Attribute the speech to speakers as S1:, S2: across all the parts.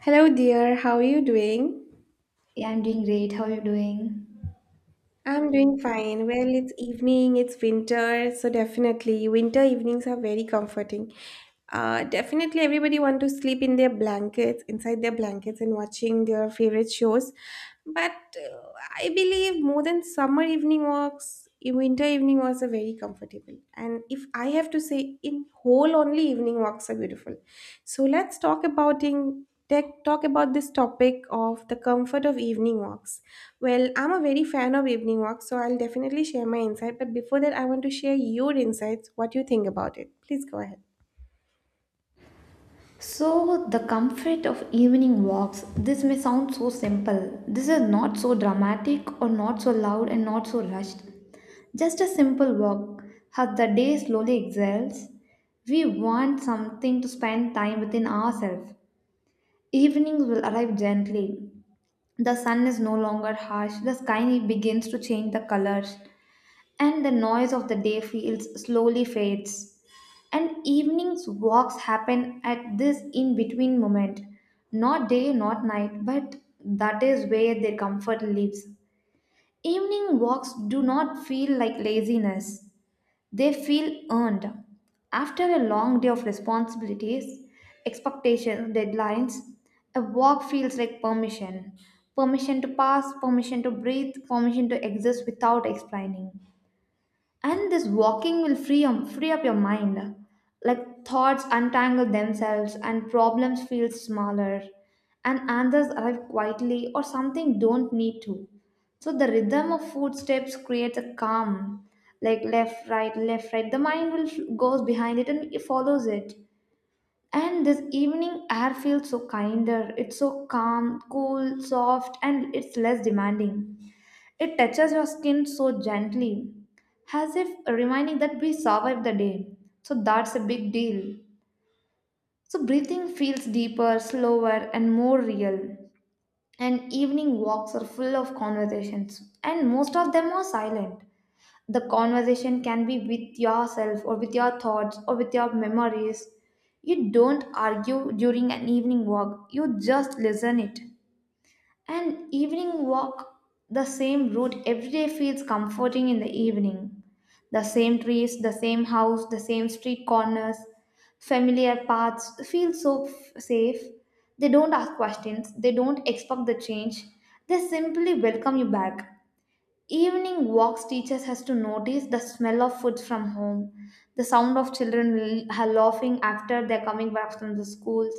S1: Hello, dear. How are you doing?
S2: Yeah, I'm doing great. How are you doing?
S1: I'm doing fine. Well, it's evening, it's winter, so definitely winter evenings are very comforting. Definitely everybody want to sleep in their blankets, inside their blankets and watching their favorite shows. But I believe more than summer evening walks, winter evening walks are very comfortable. And if I have to say, in whole only evening walks are beautiful. So let's talk about in tech talk about this topic of the comfort of evening walks. Well, I'm a very fan of evening walks, so I'll definitely share my insight. But before that, I want to share your insights, what you think about it. Please go ahead.
S2: So, the comfort of evening walks. This may sound so simple. This is not so dramatic or not so loud and not so rushed. Just a simple walk. As the day slowly exhales, we want something to spend time within ourselves. Evenings will arrive gently. The sun is no longer harsh, the sky begins to change the colors, and the noise of the day feels slowly fades. And evenings walks happen at this in between moment. Not day, not night, but that is where their comfort lives. Evening walks do not feel like laziness, they feel earned. After a long day of responsibilities, expectations, deadlines, a walk feels like permission. Permission to pass, permission to breathe, permission to exist without explaining. And this walking will free up your mind, like thoughts untangle themselves and problems feel smaller and answers arrive quietly or something don't need to. So the rhythm of footsteps creates a calm, like left right left right, the mind will goes behind it and it follows it. And this evening air feels so kinder, it's so calm, cool, soft, and it's less demanding. It touches your skin so gently, as if reminding that we survived the day. So that's a big deal. So breathing feels deeper, slower, and more real. And evening walks are full of conversations, and most of them are silent. The conversation can be with yourself, or with your thoughts, or with your memories. You don't argue during an evening walk, you just listen it. An evening walk, the same route every day feels comforting in the evening. The same trees, the same house, the same street corners, familiar paths feel so safe. They don't ask questions, they don't expect the change, they simply welcome you back. Evening walks teachers has to notice the smell of food from home, the sound of children laughing after they're coming back from the schools,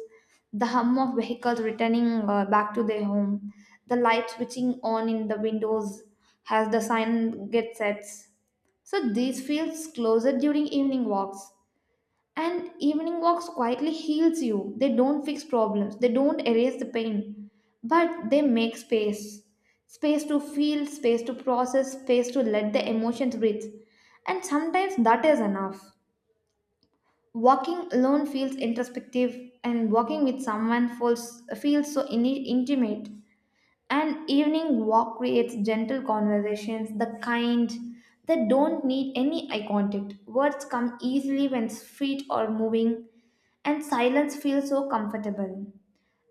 S2: the hum of vehicles returning back to their home, the light switching on in the windows as the sign gets set. So these feels closer during evening walks. And evening walks quietly heals you. They don't fix problems, they don't erase the pain, but they make space. Space to feel, space to process, space to let the emotions breathe. And sometimes that is enough. Walking alone feels introspective, and walking with someone feels so intimate. An evening walk creates gentle conversations, the kind that don't need any eye contact. Words come easily when feet are moving, and silence feels so comfortable.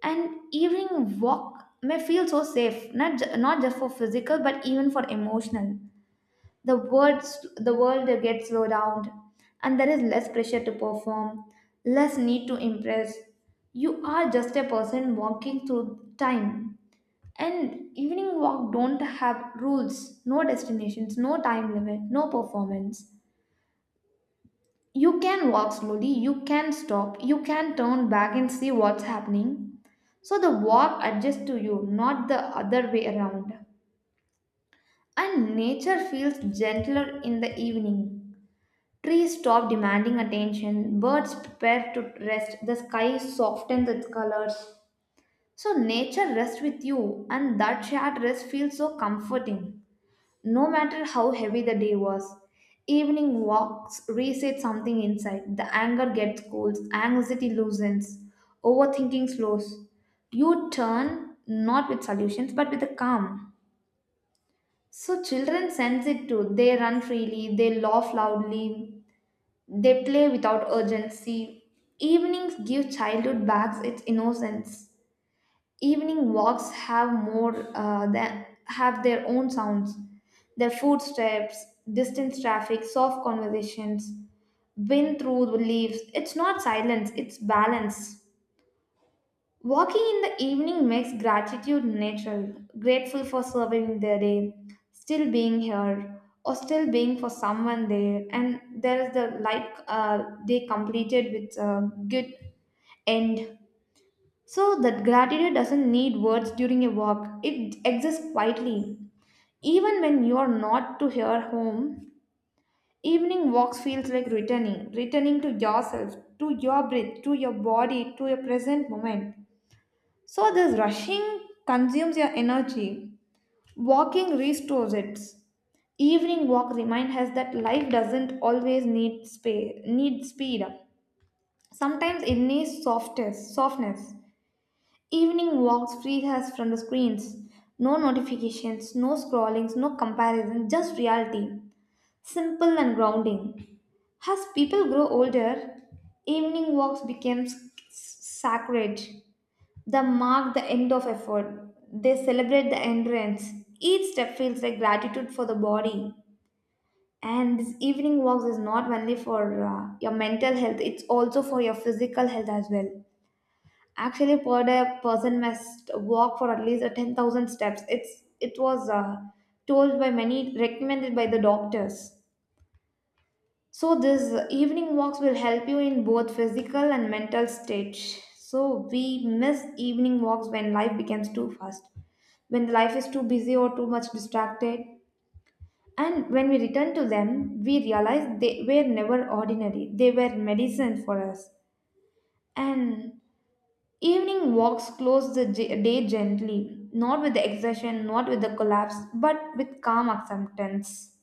S2: An evening walk may feel so safe, not just for physical, but even for emotional. The world gets slowed down, and there is less pressure to perform, less need to impress. You are just a person walking through time. And evening walk don't have rules, no destinations, no time limit, no performance. You can walk slowly, you can stop, you can turn back and see what's happening. So the walk adjusts to you, not the other way around. And nature feels gentler in the evening. Trees stop demanding attention, birds prepare to rest, the sky softens its colors. So nature rests with you, and that shared rest feels so comforting. No matter how heavy the day was, evening walks reset something inside. The anger gets cooled, anxiety loosens, overthinking slows. You turn not with solutions but with a calm. So children sense it too. They run freely, they laugh loudly, they play without urgency. Evenings give childhood back its innocence. Evening walks have more than have their own sounds. Their footsteps, distant traffic, soft conversations, wind through the leaves. It's not silence, it's balance. Walking in the evening makes gratitude natural, grateful for surviving the day, still being here, or still being for someone there. And there is the light, they completed with a good end. So that gratitude doesn't need words during a walk. It exists quietly. Even when you are not to your home, evening walks feels like returning, returning to yourself, to your breath, to your body, to your present moment. So this rushing consumes your energy. Walking restores it. Evening walk reminds us that life doesn't always need space, need speed. Sometimes it needs softness. Evening walks freed us from the screens. No notifications, no scrollings, no comparison, just reality. Simple and grounding. As people grow older, evening walks became sacred. They mark the end of effort. They celebrate the endurance. Each step feels like gratitude for the body. And this evening walks is not only for your mental health, it's also for your physical health as well. Actually, per day, person must walk for at least 10,000 steps. It was told by many, recommended by the doctors. So this evening walks will help you in both physical and mental stage. So we miss evening walks when life becomes too fast, when life is too busy or too much distracted. And when we return to them, we realize they were never ordinary. They were medicine for us. And evening walks close the day gently, not with exertion, not with the collapse, but with calm acceptance.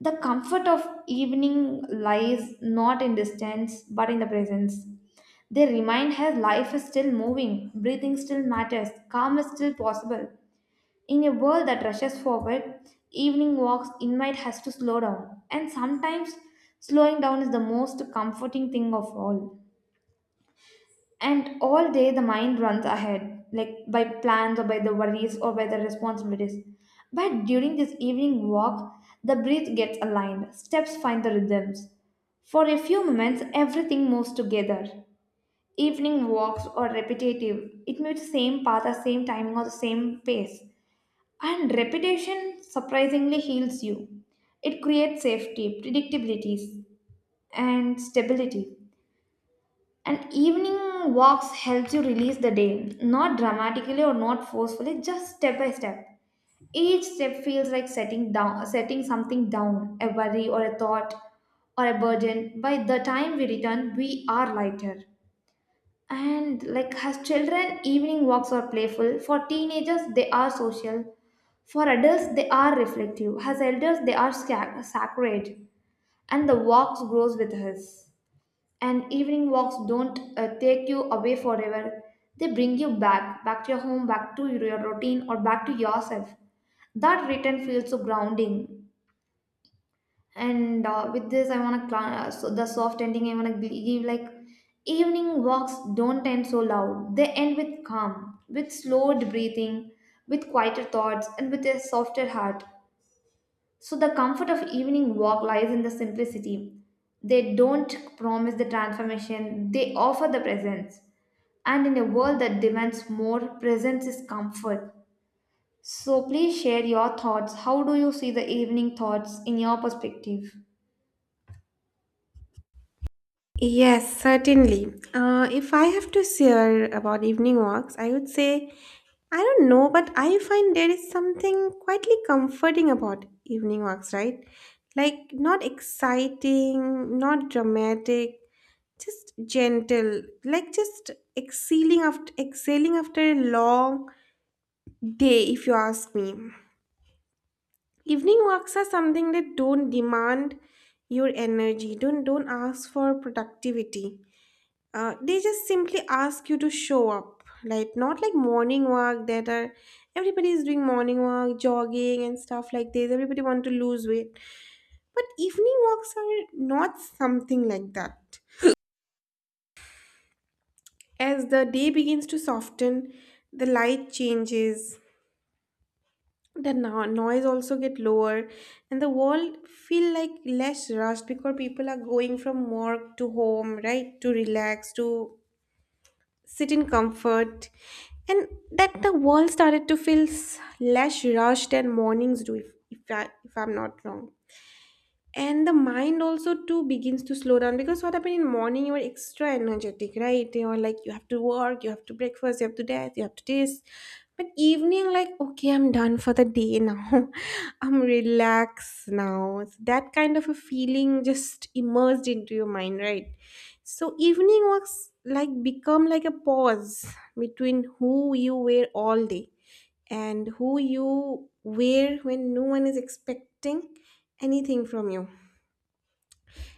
S2: The comfort of evening lies not in distance, but in the presence. They remind her life is still moving, breathing still matters, calm is still possible. In a world that rushes forward, evening walks invite us to slow down, and sometimes slowing down is the most comforting thing of all. And all day the mind runs ahead, like by plans or by the worries or by the responsibilities. But during this evening walk, the breath gets aligned, steps find the rhythms. For a few moments, everything moves together. Evening walks are repetitive, it may be the same path, the same timing, or the same pace. And repetition surprisingly heals you. It creates safety, predictabilities, and stability. And evening walks helps you release the day, not dramatically or not forcefully, just step by step. Each step feels like setting something down, a worry or a thought or a burden. By the time we return, we are lighter. And like as children, evening walks are playful. For teenagers, they are social. For adults, they are reflective. As elders, they are sacred. And the walks grows with us. And evening walks don't take you away forever. They bring you back, back to your home, back to your routine, or back to yourself. That return feels so grounding. And with this, I wanna so the soft ending. I wanna give like evening walks don't end so loud. They end with calm, with slowed breathing, with quieter thoughts, and with a softer heart. So the comfort of evening walk lies in the simplicity. They don't promise the transformation, they offer the presence. And in a world that demands more, presence is comfort. So please share your thoughts. How do you see the evening thoughts in your perspective?
S1: Yes, certainly. If I have to share about evening walks, I would say I don't know, but I find there is something quietly comforting about evening walks, right? Like, not exciting, not dramatic, just gentle, like just exhaling after, exhaling after a long day, if you ask me. Evening walks are something that don't demand your energy, don't ask for productivity, they just simply ask you to show up, like not like morning walk that are everybody is doing morning walk jogging and stuff like this, everybody want to lose weight, but evening walks are not something like that. As the day begins to soften, the light changes, the noise also get lower, and the world feel like less rushed because people are going from work to home, right, to relax, to sit in comfort, and that the world started to feel less rushed than mornings do, if I'm not wrong. And the mind also too begins to slow down because what happened in morning you are extra energetic, right? You are like you have to work, you have to breakfast, you have to death, you have to this. But evening like, okay, I'm done for the day now I'm relaxed now, it's that kind of a feeling, just immersed into your mind, right? So evening works like become like a pause between who you were all day and who you were when no one is expecting anything from you.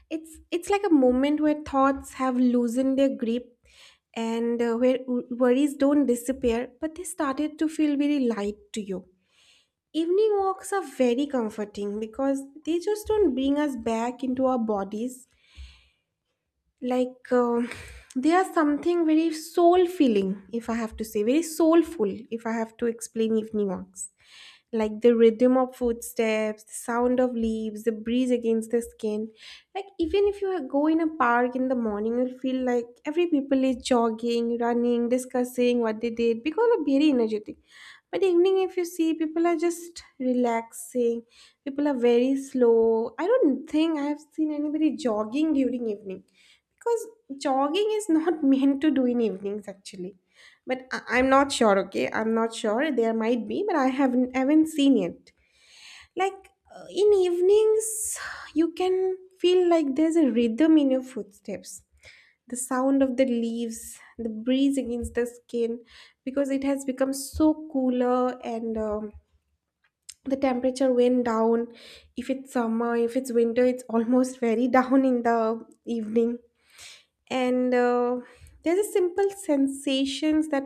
S1: It's like a moment where thoughts have loosened their grip, and where worries don't disappear, but they started to feel very light to you. Evening walks are very comforting because they just don't bring us back into our bodies. Like uh, they are something very soul feeling, if I have to say, very soulful, if I have to explain evening walks, like the rhythm of footsteps, the sound of leaves, the breeze against the skin. Like even if you go in a park in the morning, you'll feel like every people is jogging, running, discussing what they did because they're very energetic. But the evening, if you see, people are just relaxing. People are very slow. I don't think I have seen anybody jogging during evening because jogging is not meant to do in evenings actually, but I'm not sure, okay? I'm not sure. There might be, but I haven't seen it. In evenings, you can feel like there's a rhythm in your footsteps. The sound of the leaves, the breeze against the skin, because it has become so cooler, and the temperature went down. If it's summer, if it's winter, it's almost very down in the evening. And there's a simple sensations that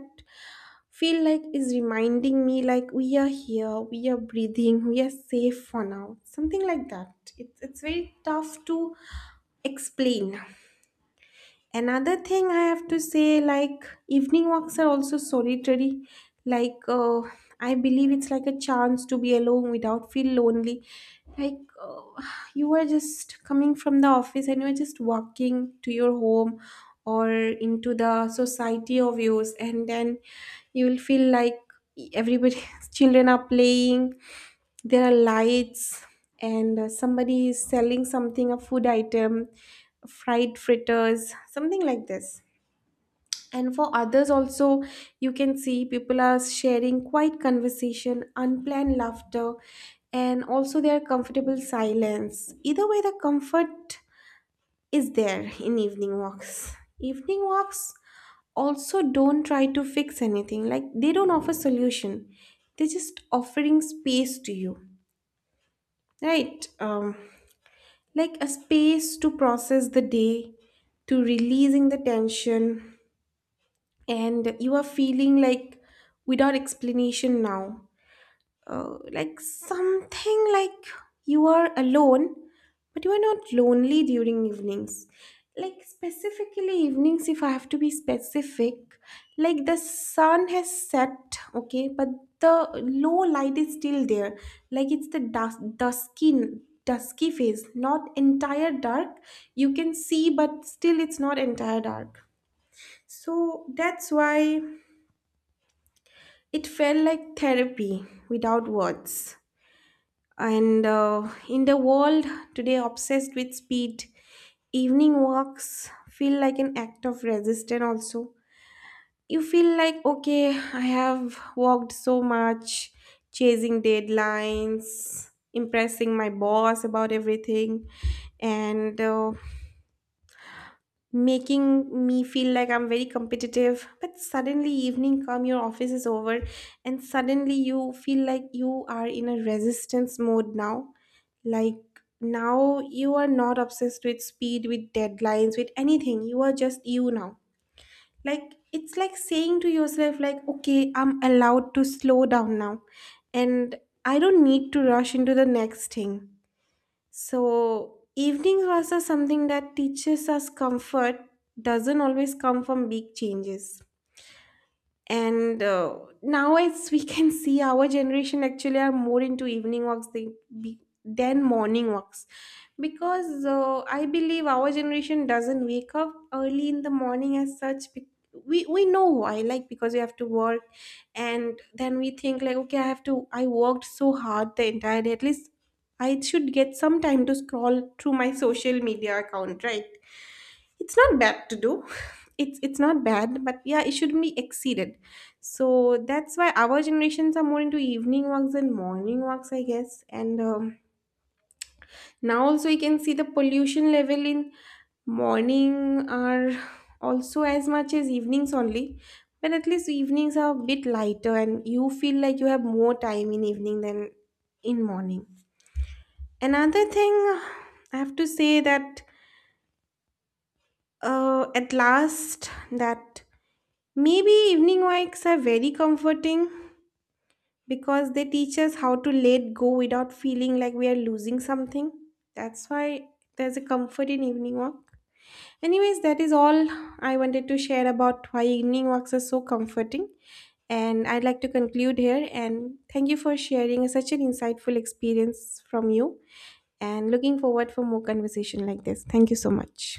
S1: feel like is reminding me like we are here, we are breathing, we are safe for now, something like that. It's very tough to explain. Another thing I have to say, like evening walks are also solitary. like uh, I believe it's like a chance to be alone without feel lonely. like uh, you are just coming from the office and you are just walking to your home or into the society of yours, and then you will feel like everybody children are playing, there are lights, and somebody is selling something, a food item, fried fritters, something like this. And for others also, you can see people are sharing quiet conversation, unplanned laughter, and also their comfortable silence. Either way, the comfort is there in evening walks. Evening walks also don't try to fix anything, like they don't offer solution. They're just offering space to you, right? Like a space to process the day, to releasing the tension, and you are feeling like without explanation now, like something like you are alone but you are not lonely during evenings, like specifically evenings, if I have to be specific, like the sun has set, okay, but the low light is still there, like it's the dusky phase, not entire dark, you can see, but still it's not entire dark. So that's why it felt like therapy without words. And in the world today obsessed with speed, evening walks feel like an act of resistance also. You feel like, okay, I have walked so much chasing deadlines, impressing my boss about everything, and making me feel like I'm very competitive. But suddenly evening come, your office is over, and suddenly you feel like you are in a resistance mode now. Like now you are not obsessed with speed, with deadlines, with anything. You are just you now. Like it's like saying to yourself, like, okay, I'm allowed to slow down now. And I don't need to rush into the next thing. So, evenings was a something that teaches us comfort doesn't always come from big changes. And now as we can see our generation actually are more into evening walks they be, than morning walks, because I believe our generation doesn't wake up early in the morning as such, we know why, like because we have to work, and then we think like, okay, I have to I worked so hard the entire day, at least I should get some time to scroll through my social media account, right? It's not bad to do it's not bad, but yeah, it shouldn't be exceeded. So that's why our generations are more into evening walks and morning walks, I guess. And now also you can see the pollution level in morning are also as much as evenings only, but at least evenings are a bit lighter and you feel like you have more time in evening than in morning. Another thing I have to say that, at last, that maybe evening walks are very comforting because they teach us how to let go without feeling like we are losing something. That's why there's a comfort in evening walk. Anyways, that is all I wanted to share about why evening walks are so comforting. And I'd like to conclude here and thank you for sharing such an insightful experience from you and looking forward for more conversation like this. Thank you so much.